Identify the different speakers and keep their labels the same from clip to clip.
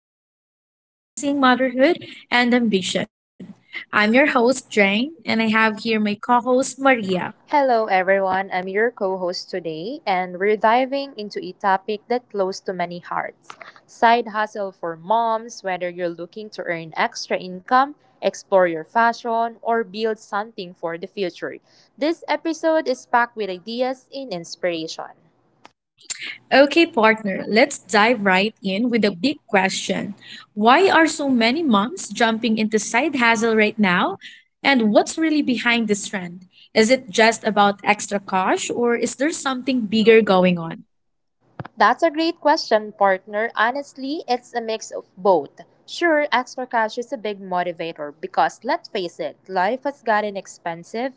Speaker 1: where we talk about balancing motherhood and ambition. I'm your host, Jane, and I have here my co host, Maria.
Speaker 2: Hello, everyone. I'm your co host today, and we're diving into a topic that's close to many hearts side hustle for moms, whether you're looking to earn extra income, explore your fashion, or build something for the future. This episode is packed with ideas and inspiration.
Speaker 1: Okay, partner, let's dive right in with a big question. Why are so many moms jumping into side hustle right now? And what's really behind this trend? Is it just about extra cash or is there something bigger going on?
Speaker 2: That's a great question, partner. Honestly, it's a mix of both. Sure, extra cash is a big motivator because let's face it, life has gotten expensive.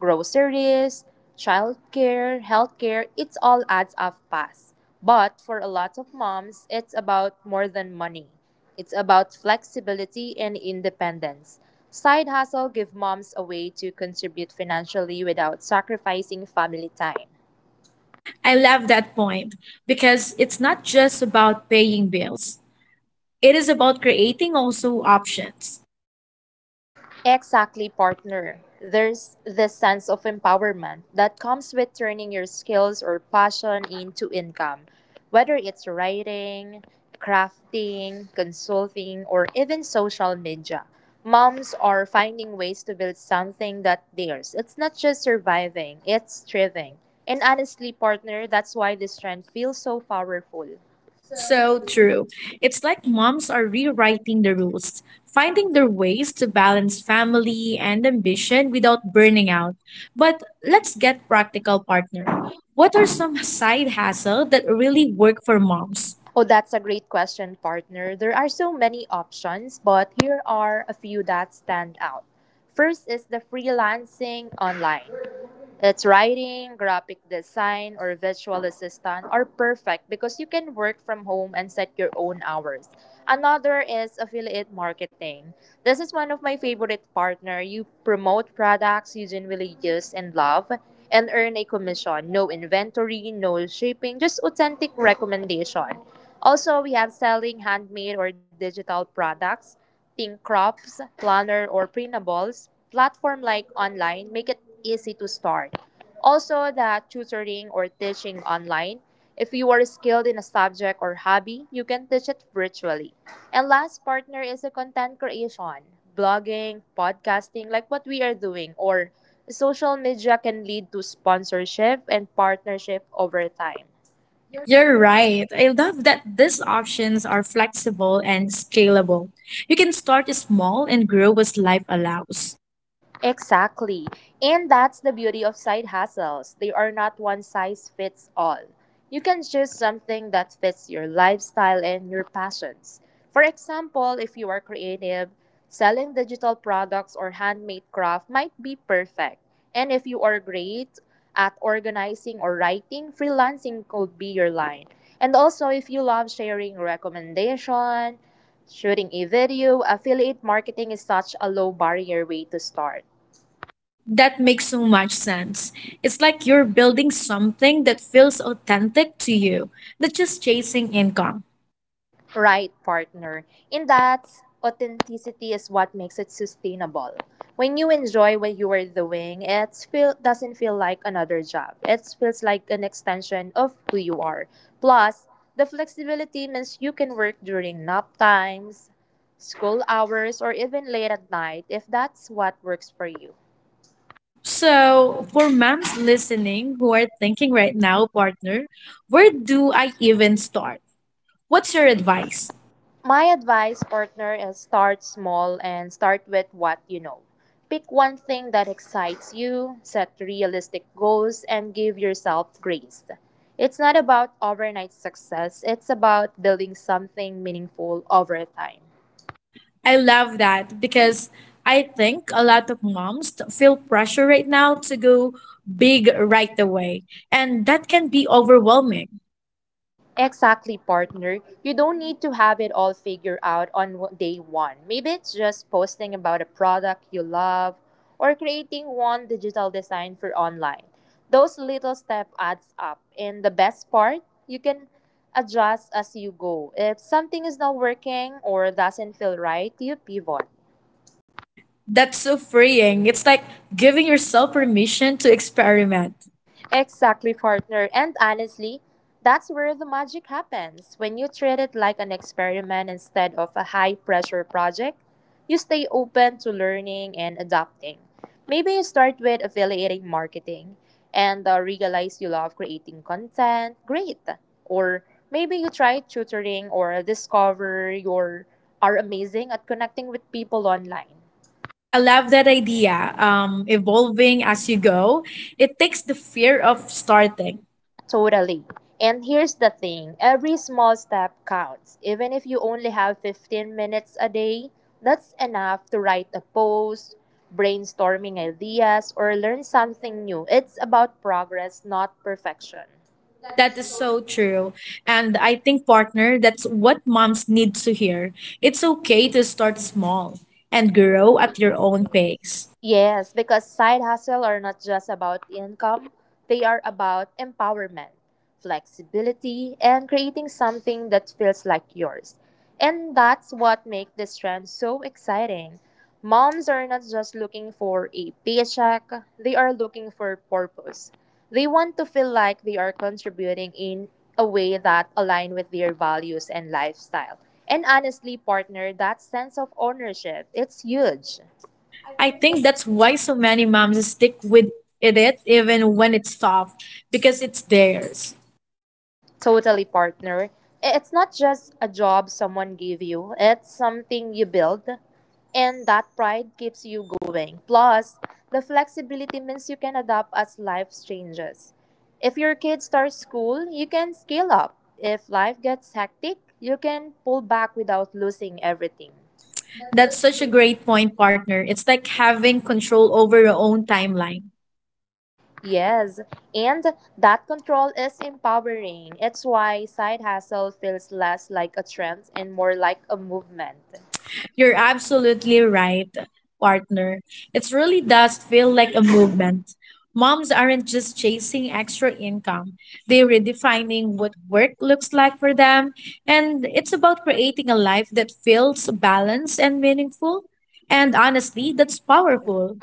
Speaker 2: Groceries, childcare, healthcare, it all adds up fast. But for a lot of moms, it's about more than money. It's about flexibility and independence. Side hustle give moms a way to contribute financially without sacrificing family time.
Speaker 1: I love that point because it's not just about paying bills. It is about creating also options.
Speaker 2: Exactly, partner. There's this sense of empowerment that comes with turning your skills or passion into income, whether it's writing, crafting, consulting, or even social media. Moms are finding ways to build something that theirs. It's not just surviving, it's thriving. And honestly, partner, that's why this trend feels so powerful.
Speaker 1: So true. It's like moms are rewriting the rules, finding their ways to balance family and ambition without burning out. But let's get practical, partner. What are some side hustle that really work for moms?
Speaker 2: Oh, that's a great question, partner. There are so many options, but here are a few that stand out. First is the freelancing online. It's writing, graphic design, or virtual assistant are perfect because you can work from home and set your own hours. Another is affiliate marketing. This is one of my favorite partner. You promote products you genuinely use and love and earn a commission. No inventory, no shipping, just authentic recommendation. Also, we have selling handmade or digital products, think crafts, planner, or printables platform like online make it easy to start. Also, the tutoring or teaching online. If you are skilled in a subject or hobby, you can teach it virtually. And last partner is the content creation. Blogging, podcasting, like what we are doing, or social media can lead to sponsorship and partnership over time.
Speaker 1: You're right. I love that these options are flexible and scalable. You can start small and grow as life allows.
Speaker 2: Exactly. And that's the beauty of side hustles. They are not one size fits all. You can choose something that fits your lifestyle and your passions. For example, if you are creative, selling digital products or handmade craft might be perfect. And if you are great at organizing or writing, freelancing could be your line. And also, if you love sharing recommendation, shooting a video, affiliate marketing is such a low barrier way to start.
Speaker 1: That makes so much sense. It's like you're building something that feels authentic to you, not just chasing income.
Speaker 2: Right, partner. In that, authenticity is what makes it sustainable. When you enjoy what you are doing, doesn't feel like another job. It feels like an extension of who you are. Plus, the flexibility means you can work during nap times, school hours, or even late at night if that's what works for you.
Speaker 1: So, for moms listening who are thinking right now, partner, where do I even start? What's your advice?
Speaker 2: My advice, partner, is start small and start with what you know. Pick one thing that excites you, set realistic goals, and give yourself grace. It's not about overnight success, it's about building something meaningful over time.
Speaker 1: I love that because I think a lot of moms feel pressure right now to go big right away, and that can be overwhelming.
Speaker 2: Exactly, partner. You don't need to have it all figured out on day one. Maybe it's just posting about a product you love or creating one digital design for online. Those little step adds up. And the best part, you can adjust as you go. If something is not working or doesn't feel right, you pivot.
Speaker 1: That's so freeing. It's like giving yourself permission to experiment.
Speaker 2: Exactly, partner. And honestly, that's where the magic happens. When you treat it like an experiment instead of a high pressure project, you stay open to learning and adapting. Maybe you start with affiliate marketing and realize you love creating content. Great. Or maybe you try tutoring or discover you are amazing at connecting with people online.
Speaker 1: I love that idea. Evolving as you go, it takes the fear of starting.
Speaker 2: Totally. And here's the thing every small step counts. Even if you only have 15 minutes a day, that's enough to write a post, brainstorming ideas, or learn something new. It's about progress, not perfection.
Speaker 1: That is so true. And I think, partner, that's what moms need to hear. It's okay to start small and grow at your own pace.
Speaker 2: Yes, because side hustle are not just about income, they are about empowerment, flexibility, and creating something that feels like yours. And that's what makes this trend so exciting. Moms are not just looking for a paycheck, they are looking for purpose. They want to feel like they are contributing in a way that align with their values and lifestyle. And honestly, partner, that sense of ownership, it's huge.
Speaker 1: I think that's why so many moms stick with it even when it's tough, because it's theirs.
Speaker 2: Totally, partner. It's not just a job someone gave you, it's something you build. And that pride keeps you going. Plus, the flexibility means you can adapt as life changes. If your kid starts school, you can scale up. If life gets hectic, you can pull back without losing everything.
Speaker 1: That's such a great point, partner. It's like having control over your own timeline.
Speaker 2: Yes, and that control is empowering. It's why side hustle feels less like a trend and more like a movement.
Speaker 1: You're absolutely right, partner. It really does feel like a movement. Moms aren't just chasing extra income, they're redefining what work looks like for them. And it's about creating a life that feels balanced and meaningful. And honestly, that's powerful.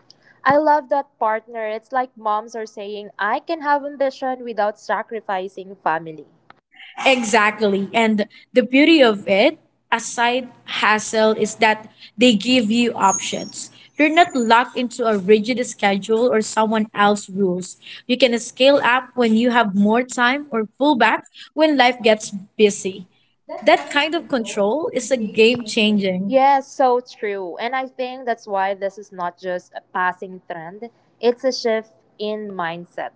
Speaker 2: I love that partner. It's like moms are saying, I can have ambition without sacrificing family.
Speaker 1: Exactly. And the beauty of it, aside hassle, is that they give you options. You're not locked into a rigid schedule or someone else's rules. You can scale up when you have more time or pull back when life gets busy. That kind of control is a game changing.
Speaker 2: Yes, so true. And I think that's why this is not just a passing trend, it's a shift in mindset.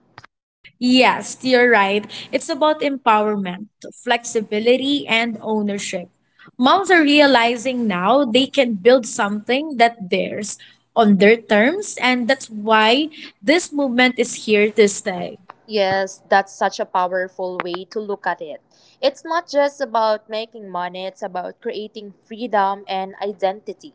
Speaker 1: Yes, you're right. It's about empowerment, flexibility, and ownership. Moms are realizing now they can build something that theirs on their terms, and that's why this movement is here to stay.
Speaker 2: Yes, that's such a powerful way to look at it. It's not just about making money, it's about creating freedom and identity.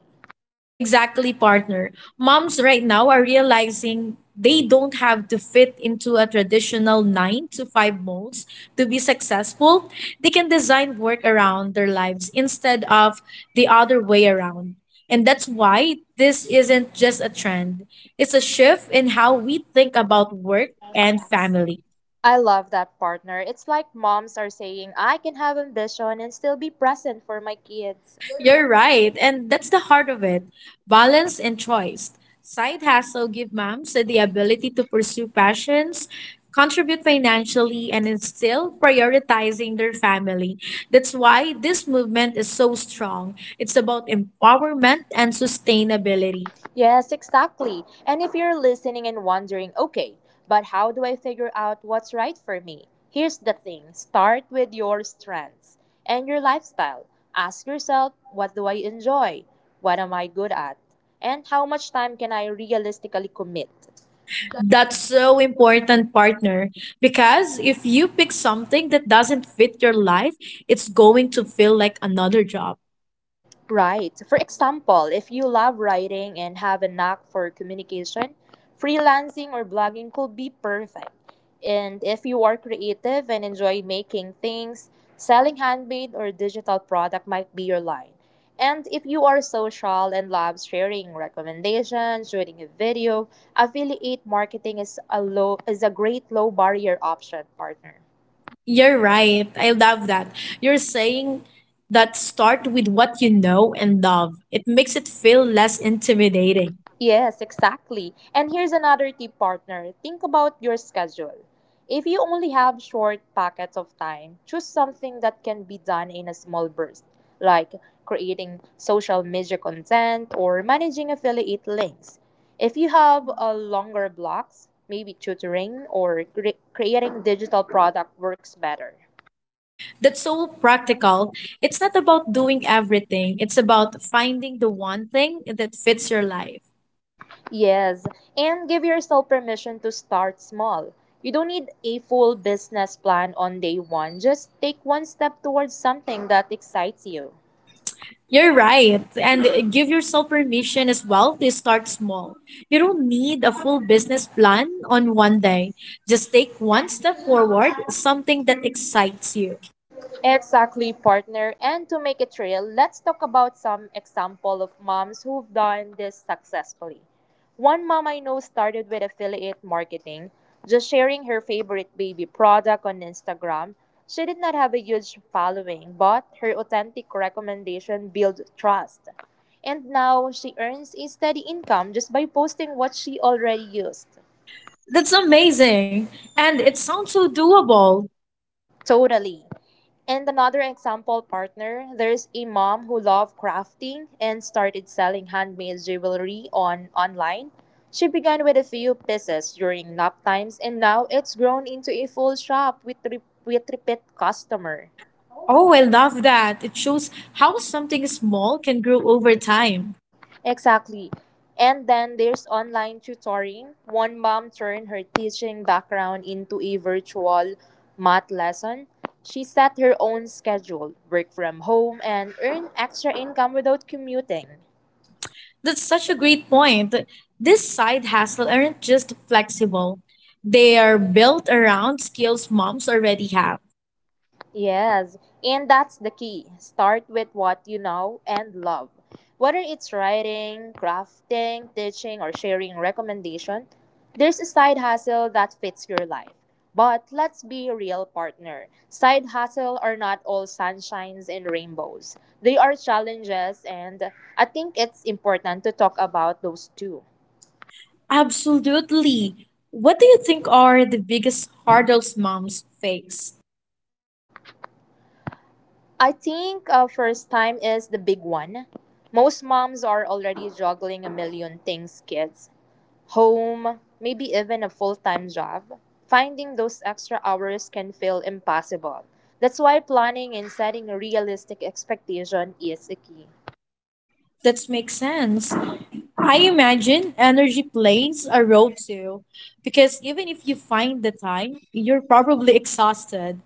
Speaker 1: Exactly, partner. Moms right now are realizing they don't have to fit into a traditional nine to five molds to be successful. They can design work around their lives instead of the other way around. And that's why this isn't just a trend, it's a shift in how we think about work and family.
Speaker 2: I love that partner. It's like moms are saying, I can have ambition and still be present for my kids.
Speaker 1: You're right, and that's the heart of it balance and choice. Side hustle give moms the ability to pursue passions, contribute financially, and instill prioritizing their family. That's why this movement is so strong. It's about empowerment and sustainability.
Speaker 2: Yes, exactly. And if you're listening and wondering, okay, but how do I figure out what's right for me? Here's the thing start with your strengths and your lifestyle. Ask yourself, what do I enjoy? What am I good at? And how much time can I realistically commit?
Speaker 1: That's so important, partner, because if you pick something that doesn't fit your life, it's going to feel like another job.
Speaker 2: Right. For example, if you love writing and have a knack for communication, freelancing or blogging could be perfect. And if you are creative and enjoy making things, selling handmade or digital product might be your line. And if you are social and love sharing recommendations, shooting a video, affiliate marketing is a great low barrier option, partner.
Speaker 1: You're right. I love that. You're saying that start with what you know and love. It makes it feel less intimidating.
Speaker 2: Yes, exactly. And here's another tip, partner. Think about your schedule. If you only have short pockets of time, choose something that can be done in a small burst, like creating social media content or managing affiliate links. If you have a longer blocks, maybe tutoring or creating digital product works better.
Speaker 1: That's so practical. It's not about doing everything, it's about finding the one thing that fits your life.
Speaker 2: Yes, and give yourself permission to start small. You don't need a full business plan on day one. Just take one step towards something that excites you.
Speaker 1: You're right. And give yourself permission as well to start small. You don't need a full business plan on one day. Just take one step forward, something that excites you.
Speaker 2: Exactly, partner. And to make it real, let's talk about some example of moms who've done this successfully. One mom I know started with affiliate marketing, just sharing her favorite baby product on Instagram. She did not have a huge following, but her authentic recommendation built trust. And now she earns a steady income just by posting what she already used.
Speaker 1: That's amazing. And it sounds so doable.
Speaker 2: Totally. And another example partner, there's a mom who loved crafting and started selling handmade jewelry on online. She began with a few pieces during nap times and now it's grown into a full shop with with repeat customer.
Speaker 1: Oh, I love that. It shows how something small can grow over time.
Speaker 2: Exactly. And then there's online tutoring. One mom turned her teaching background into a virtual math lesson. She set her own schedule, work from home, and earn extra income without commuting.
Speaker 1: That's such a great point. This side hustle aren't just flexible. They are built around skills moms already have.
Speaker 2: Yes, and that's the key. Start with what you know and love. Whether it's writing, crafting, teaching, or sharing recommendation, there's a side hustle that fits your life. But let's be real, partner. Side hustle are not all sunshines and rainbows. They are challenges, and I think it's important to talk about those too.
Speaker 1: Absolutely. What do you think are the biggest hurdles moms face?
Speaker 2: I think first time is the big one. Most moms are already juggling a million things, kids home, maybe even a full time job, finding those extra hours can feel impossible. That's why planning and setting a realistic expectation is a key.
Speaker 1: That makes sense. I imagine energy plays a role too, because even if you find the time, you're probably exhausted.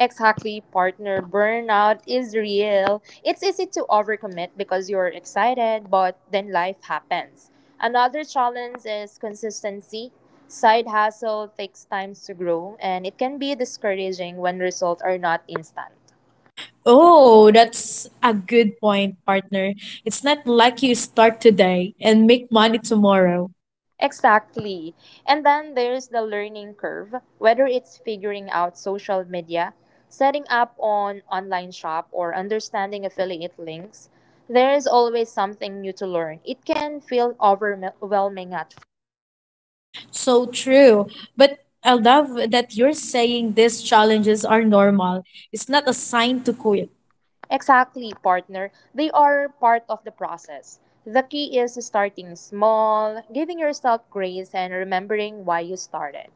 Speaker 2: Exactly, partner burnout is real. It's easy to overcommit because you're excited, but then life happens. Another challenge is consistency. Side hustle takes time to grow, and it can be discouraging when results are not instant.
Speaker 1: Oh, that's a good point, partner. It's not like you start today and make money tomorrow.
Speaker 2: Exactly. And then there's the learning curve, whether it's figuring out social media, setting up an online shop or understanding affiliate links, there is always something new to learn. It can feel overwhelming at first.
Speaker 1: So true. But I love that you're saying these challenges are normal. It's not a sign to quit.
Speaker 2: Exactly, partner. They are part of the process. The key is starting small, giving yourself grace and remembering why you started.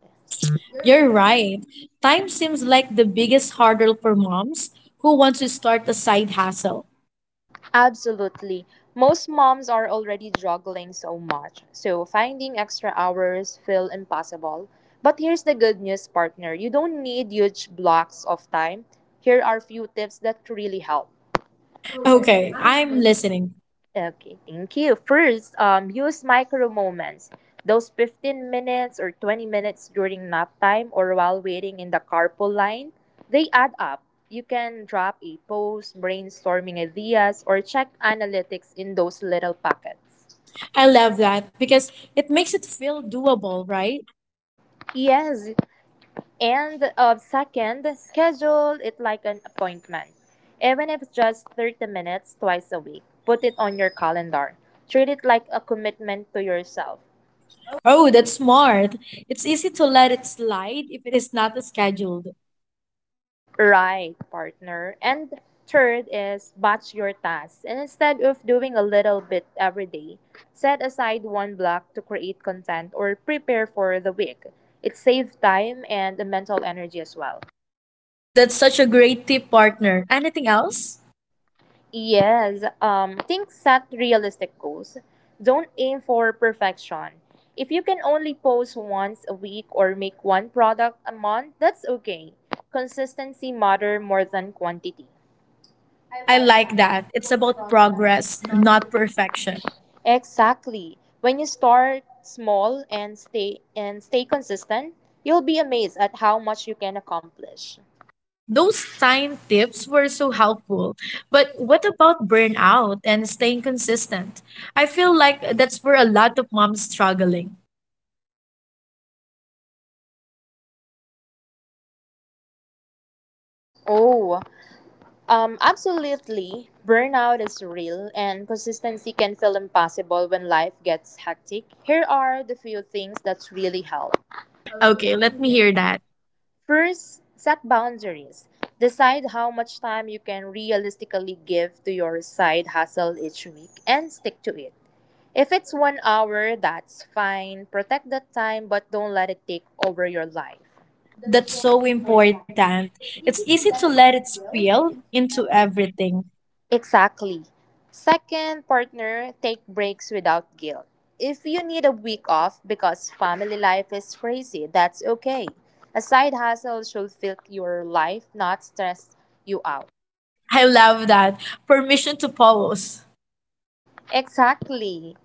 Speaker 1: You're right. Time seems like the biggest hurdle for moms who want to start a side hustle.
Speaker 2: Absolutely. Most moms are already juggling so much, so finding extra hours feel impossible. But here's the good news, partner. You don't need huge blocks of time. Here are few tips that really help.
Speaker 1: Okay, I'm listening.
Speaker 2: Okay, thank you. First, use micro moments. Those 15 minutes or 20 minutes during nap time or while waiting in the carpool line, they add up. You can drop a post, brainstorming ideas, or check analytics in those little pockets.
Speaker 1: I love that because it makes it feel doable, right?
Speaker 2: Yes, and second, schedule it like an appointment. Even if it's just 30 minutes twice a week, put it on your calendar. Treat it like a commitment to yourself.
Speaker 1: Oh, that's smart. It's easy to let it slide if it is not scheduled.
Speaker 2: Right, partner. And third is batch your tasks. And instead of doing a little bit every day, set aside one block to create content or prepare for the week. It saves time and mental energy as well.
Speaker 1: That's such a great tip, partner. Anything else?
Speaker 2: Yes, think set realistic goals. Don't aim for perfection. If you can only post once a week or make one product a month, that's okay. Consistency matter more than quantity.
Speaker 1: I like that. It's about progress, not perfection.
Speaker 2: Exactly. When you start small and stay consistent, you'll be amazed at how much you can accomplish.
Speaker 1: Those time tips were so helpful. But what about burnout and staying consistent? I feel like that's where a lot of moms struggling.
Speaker 2: Oh, absolutely. Burnout is real and consistency can feel impossible when life gets hectic. Here are the few things that really help.
Speaker 1: Okay, let me hear that.
Speaker 2: First, set boundaries. Decide how much time you can realistically give to your side hustle each week and stick to it. If it's 1 hour, that's fine. Protect the time, but don't let it take over your life.
Speaker 1: That's so important. It's easy to let it spill into everything.
Speaker 2: Exactly. Second, partner, take breaks without guilt. If you need a week off because family life is crazy, that's okay. A side hustle should fill your life, not stress you out.
Speaker 1: I love that. Permission to pause.
Speaker 2: Exactly.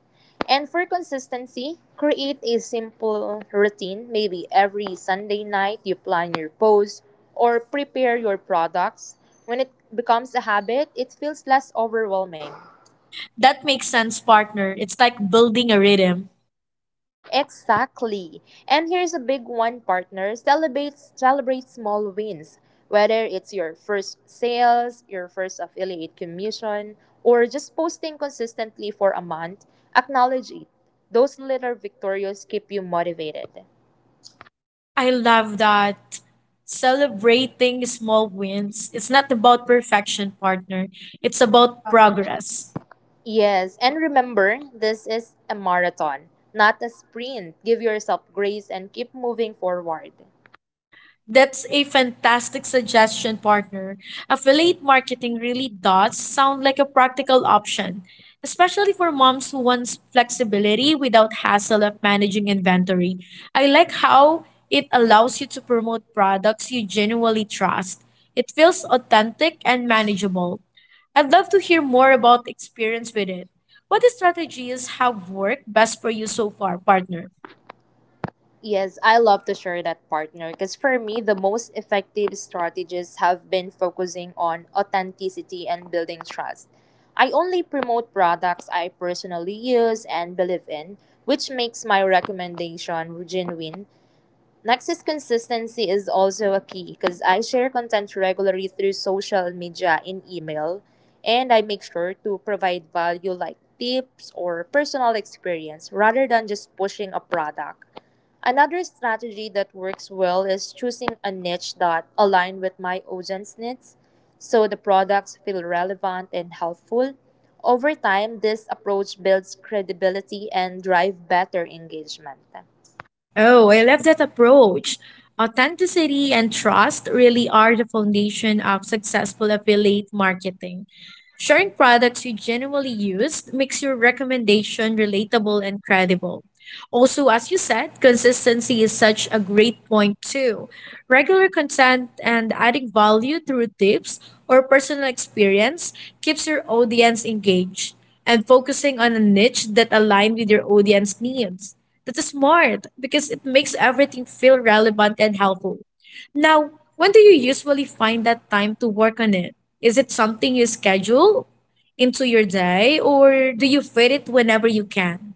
Speaker 2: And for consistency, create a simple routine. Maybe every Sunday night you plan your post or prepare your products. When it becomes a habit, it feels less overwhelming.
Speaker 1: That makes sense, partner. It's like building a rhythm.
Speaker 2: Exactly. And here's a big one, partner. Celebrate small wins. Whether it's your first sales, your first affiliate commission, or just posting consistently for a month, acknowledge it. Those little victories keep you motivated.
Speaker 1: I love that. Celebrating small wins. It's not about perfection, partner. It's about progress.
Speaker 2: Yes, and remember, this is a marathon, not a sprint. Give yourself grace and keep moving forward.
Speaker 1: That's a fantastic suggestion, partner. Affiliate marketing really does sound like a practical option, especially for moms who want flexibility without hassle of managing inventory. I like how it allows you to promote products you genuinely trust. It feels authentic and manageable. I'd love to hear more about experience with it. What strategies have worked best for you so far, partner?
Speaker 2: Yes, I love to share that partner because for me, the most effective strategies have been focusing on authenticity and building trust. I only promote products I personally use and believe in, which makes my recommendation genuine. Next is consistency is also a key because I share content regularly through social media and email, and I make sure to provide value like tips or personal experience rather than just pushing a product. Another strategy that works well is choosing a niche that align with my audience needs so the products feel relevant and helpful. Over time, this approach builds credibility and drive better engagement.
Speaker 1: Oh, I love that approach. Authenticity and trust really are the foundation of successful affiliate marketing. Sharing products you genuinely use makes your recommendation relatable and credible. Also, as you said, consistency is such a great point too. Regular content and adding value through tips or personal experience keeps your audience engaged and focusing on a niche that aligns with your audience needs. That is smart because it makes everything feel relevant and helpful. Now, when do you usually find that time to work on it? Is it something you schedule into your day or do you fit it whenever you can?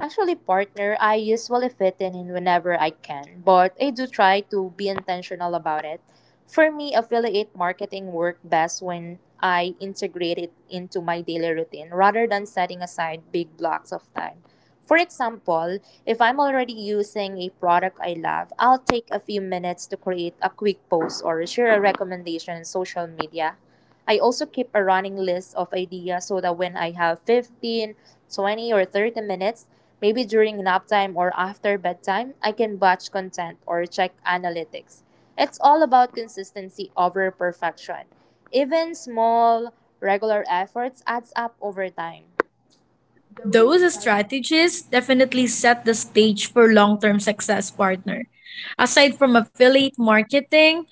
Speaker 2: Actually, partner, I usually fit in whenever I can, but I do try to be intentional about it. For me, affiliate marketing work best when I integrate it into my daily routine rather than setting aside big blocks of time. For example, if I'm already using a product I love, I'll take a few minutes to create a quick post or share a recommendation on social media. I also keep a running list of ideas so that when I have 15, 20, or 30 minutes, maybe during nap time or after bedtime, I can batch content or check analytics. It's all about consistency over perfection. Even small, regular efforts adds up over time.
Speaker 1: Those strategies definitely set the stage for long term success, partner. Aside from affiliate marketing,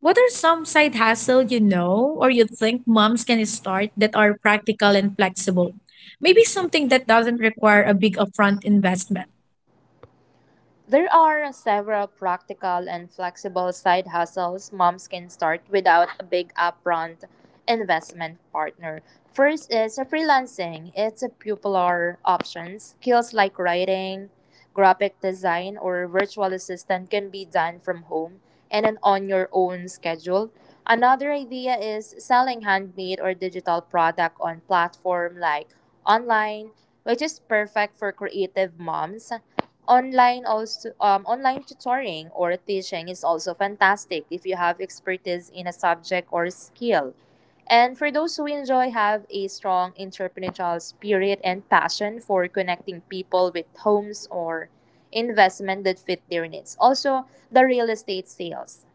Speaker 1: what are some side hustle you know or you think moms can start that are practical and flexible? Maybe something that doesn't require a big upfront investment.
Speaker 2: There are several practical and flexible side hustles moms can start without a big upfront investment, partner. First is freelancing. It's a popular option. Skills like writing, graphic design, or virtual assistant can be done from home and then on your own schedule. Another idea is selling handmade or digital product on platform like online, which is perfect for creative moms online. Also, online tutoring or teaching is also fantastic if you have expertise in a subject or skill, and for those who enjoy have a strong entrepreneurial spirit and passion for connecting people with homes or investment that fit their needs, also the real estate sales.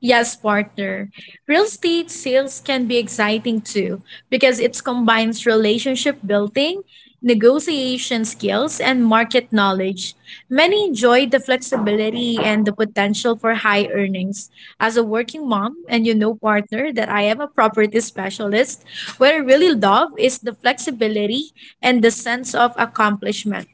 Speaker 1: Yes, partner. Real estate sales can be exciting too because it combines relationship building, negotiation skills, and market knowledge. Many enjoy the flexibility and the potential for high earnings. As a working mom, and you know, partner, that I am a property specialist, what I really love is the flexibility and the sense of accomplishment.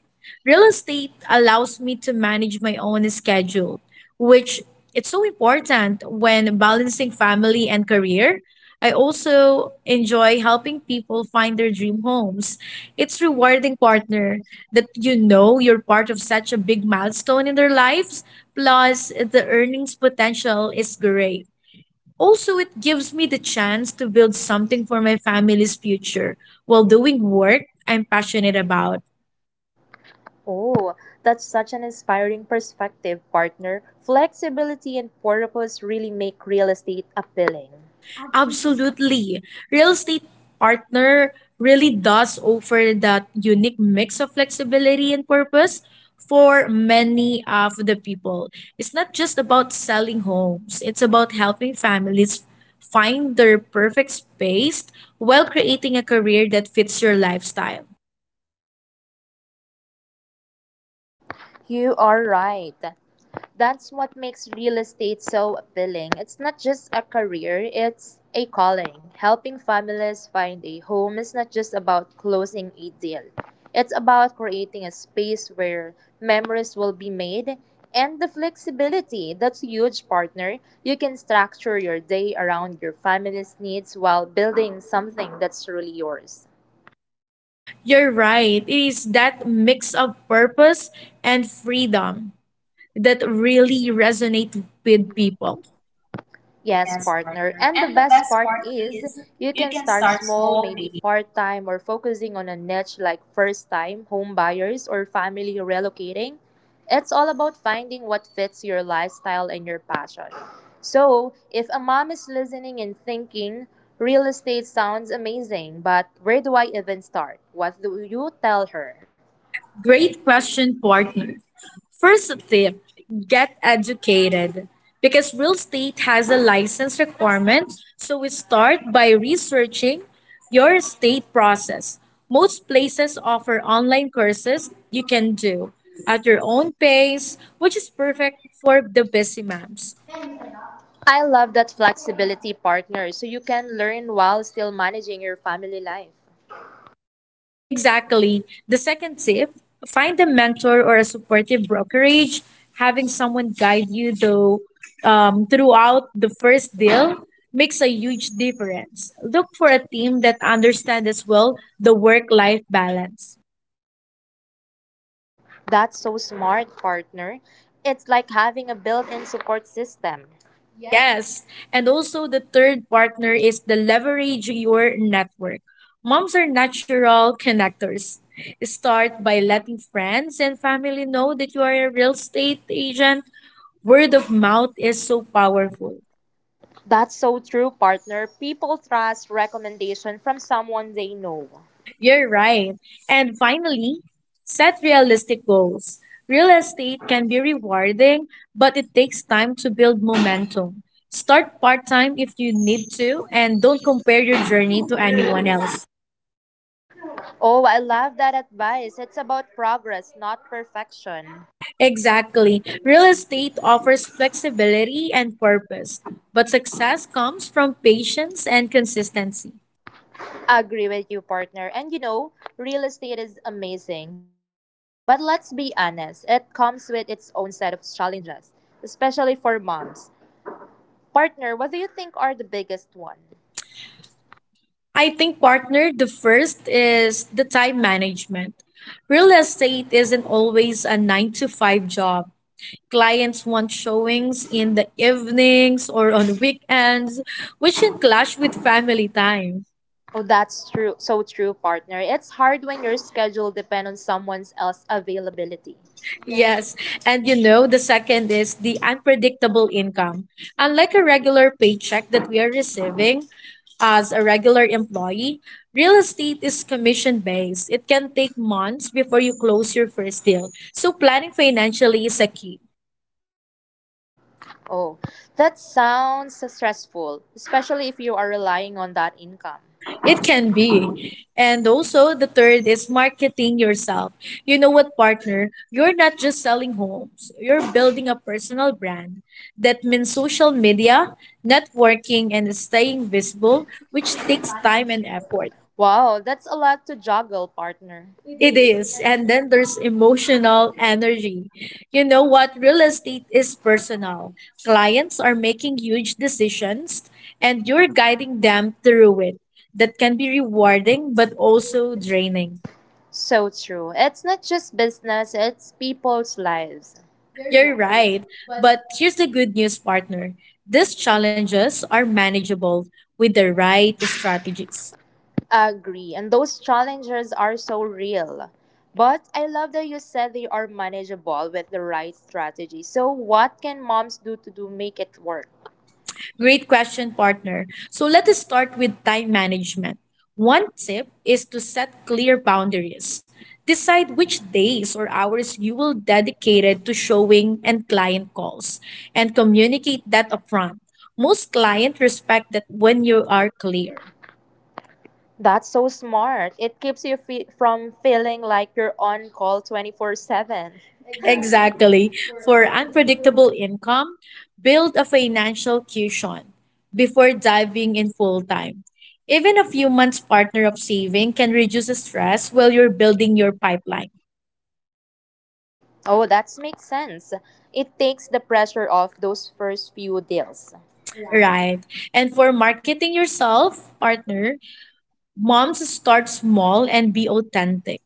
Speaker 1: Real estate allows me to manage my own schedule, which it's so important when balancing family and career. I also enjoy helping people find their dream homes. It's rewarding partner that you know you're part of such a big milestone in their lives, plus the earnings potential is great. Also, it gives me the chance to build something for my family's future while doing work I'm passionate about.
Speaker 2: Oh, that's such an inspiring perspective, partner. Flexibility and purpose really make real estate appealing.
Speaker 1: Absolutely. Real estate partner really does offer that unique mix of flexibility and purpose for many of the people. It's not just about selling homes, it's about helping families find their perfect space while creating a career that fits your lifestyle.
Speaker 2: You are right. That's what makes real estate so appealing. It's not just a career, it's a calling. Helping families find a home is not just about closing a deal, it's about creating a space where memories will be made, and the flexibility. That's huge, partner. You can structure your day around your family's needs while building something that's truly yours.
Speaker 1: You're right. It is that mix of purpose and freedom that really resonate with people.
Speaker 2: Yes, partner. And the best part is you can start small, maybe part time, or focusing on a niche like first time home buyers or family relocating. It's all about finding what fits your lifestyle and your passion. So, if a mom is listening and thinking, real estate sounds amazing, but where do I even start? What do you tell her?
Speaker 1: Great question, partner. First tip get educated. Because real estate has a license requirement, so we start by researching your estate process. Most places offer online courses you can do at your own pace, which is perfect for the busy moms.
Speaker 2: I love that flexibility, partner, so you can learn while still managing your family life.
Speaker 1: Exactly. The second tip, find a mentor or a supportive brokerage. Having someone guide you though throughout the first deal makes a huge difference. Look for a team that understands as well the work-life balance.
Speaker 2: That's so smart, partner. It's like having a built in support system.
Speaker 1: Yes, and also the third partner is the leverage your network. Moms are natural connectors. Start by letting friends and family know that you are a real estate agent. Word of mouth is so powerful.
Speaker 2: That's so true, partner. People trust recommendation from someone they know.
Speaker 1: You're right. And finally, set realistic goals. Real estate can be rewarding, but it takes time to build momentum. Start part time if you need to, and don't compare your journey to anyone else.
Speaker 2: Oh, I love that advice. It's about progress, not perfection.
Speaker 1: Exactly. Real estate offers flexibility and purpose, but success comes from patience and consistency.
Speaker 2: Agree with you, partner. And you know, real estate is amazing. But let's be honest, it comes with its own set of challenges, especially for moms. Partner, what do you think are the biggest one?
Speaker 1: I think partner, the first is the time management. Real estate isn't always a 9 to 5 job. Clients want showings in the evenings or on weekends, which can clash with family time.
Speaker 2: Oh, that's true. So true, partner. It's hard when your schedule depends on someone else's availability.
Speaker 1: Yes. And you know, the second is the unpredictable income. Unlike a regular paycheck that we are receiving as a regular employee, real estate is commission based. It can take months before you close your first deal. So, planning financially is a key.
Speaker 2: Oh, that sounds stressful, especially if you are relying on that income.
Speaker 1: It can be. And also, the third is marketing yourself. You know what, partner? You're not just selling homes, you're building a personal brand. That means social media, networking, and staying visible, which takes time and effort.
Speaker 2: Wow, that's a lot to juggle, partner.
Speaker 1: It is. And then there's emotional energy. You know what? Real estate is personal. Clients are making huge decisions and you're guiding them through it. That can be rewarding but also draining.
Speaker 2: So true. It's not just business, it's people's lives.
Speaker 1: You're right. But here's the good news, partner. These challenges are manageable with the right strategies.
Speaker 2: Agree. And those challenges are so real. But I love that you said they are manageable with the right strategy. So, what can moms do to do make it work?
Speaker 1: Great question, partner. So let us start with time management. One tip is to set clear boundaries. Decide which days or hours you will dedicate it to showing and client calls and communicate that upfront. Most clients respect that when you are clear.
Speaker 2: That's so smart. It keeps you from feeling like you're on call 24/7.
Speaker 1: Exactly. For unpredictable income, build a financial cushion before diving in full time. Even a few months partner of saving can reduce the stress while you're building your pipeline.
Speaker 2: Oh, that makes sense. It takes the pressure off those first few deals.
Speaker 1: Right. And for marketing yourself, partner, moms start small and be authentic.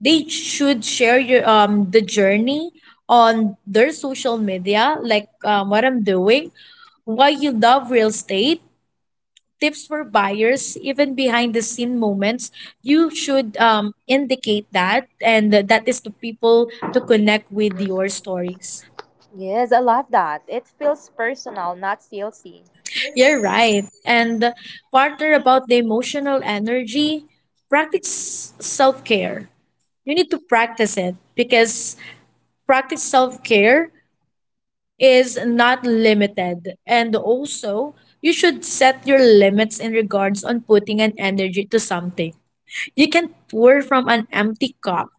Speaker 1: They should share your the journey on their social media, like, what I'm doing, why you love real estate tips for buyers even behind the scene moments you should indicate that and that is to people to connect with your stories.
Speaker 2: Yes, I love that. It feels personal, not salesy.
Speaker 1: You're right. And partner about the emotional energy practice self-care, you need to practice it because practice self-care is not limited and also you should set your limits in regards on putting an energy to something. You can pour from an empty cup.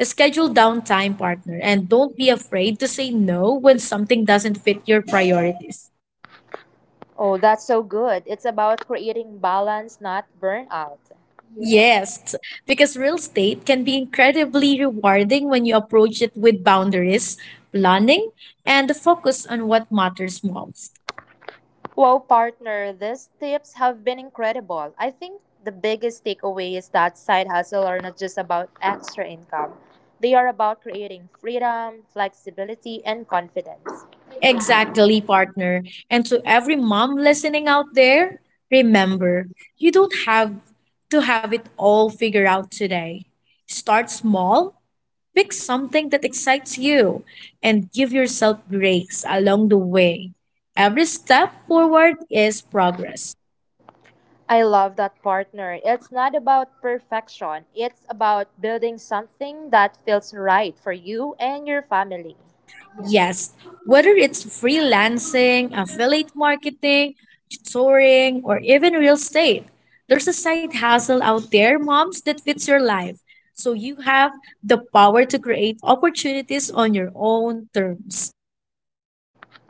Speaker 1: Schedule downtime, partner, and don't be afraid to say no when something doesn't fit your priorities.
Speaker 2: Oh, that's so good. It's about creating balance, not burnout.
Speaker 1: Yes, because real estate can be incredibly rewarding when you approach it with boundaries, planning, and the focus on what matters most.
Speaker 2: Wow, partner, these tips have been incredible. I think the biggest takeaway is that side hustle are not just about extra income. They are about creating freedom, flexibility, and confidence.
Speaker 1: Exactly, partner. And to every mom listening out there, remember, you don't have to have it all figured out today. Start small. Pick something that excites you and give yourself breaks along the way. Every step forward is progress.
Speaker 2: I love that, partner. It's not about perfection. It's about building something that feels right for you and your family.
Speaker 1: Yes, whether it's freelancing, affiliate marketing, touring, or even real estate, there's a side hustle out there, moms, that fits your life. So you have the power to create opportunities on your own terms.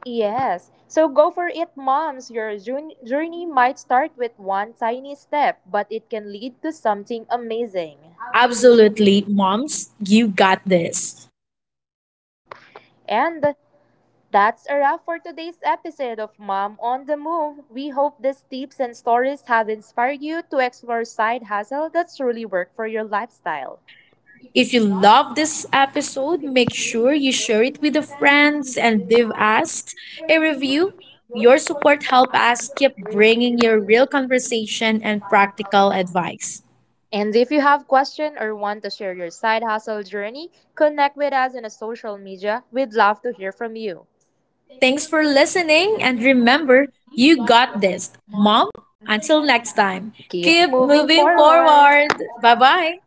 Speaker 2: Yes. So go for it, moms. Your journey might start with one tiny step, but it can lead to something amazing.
Speaker 1: Absolutely, moms, you got this.
Speaker 2: And that's a wrap for today's episode of Mom on the Move. We hope these tips and stories have inspired you to explore side hustle that truly work for your lifestyle.
Speaker 1: If you love this episode, make sure you share it with your friends and leave us a review. Your support helps us keep bringing you real conversation and practical advice.
Speaker 2: And if you have question or want to share your side hustle journey, connect with us on a social media. We'd love to hear from you.
Speaker 1: Thanks for listening and remember, you got this. Mom, until next time,
Speaker 2: Keep
Speaker 1: keep
Speaker 2: moving
Speaker 1: moving
Speaker 2: forward.
Speaker 1: forward. Bye-bye.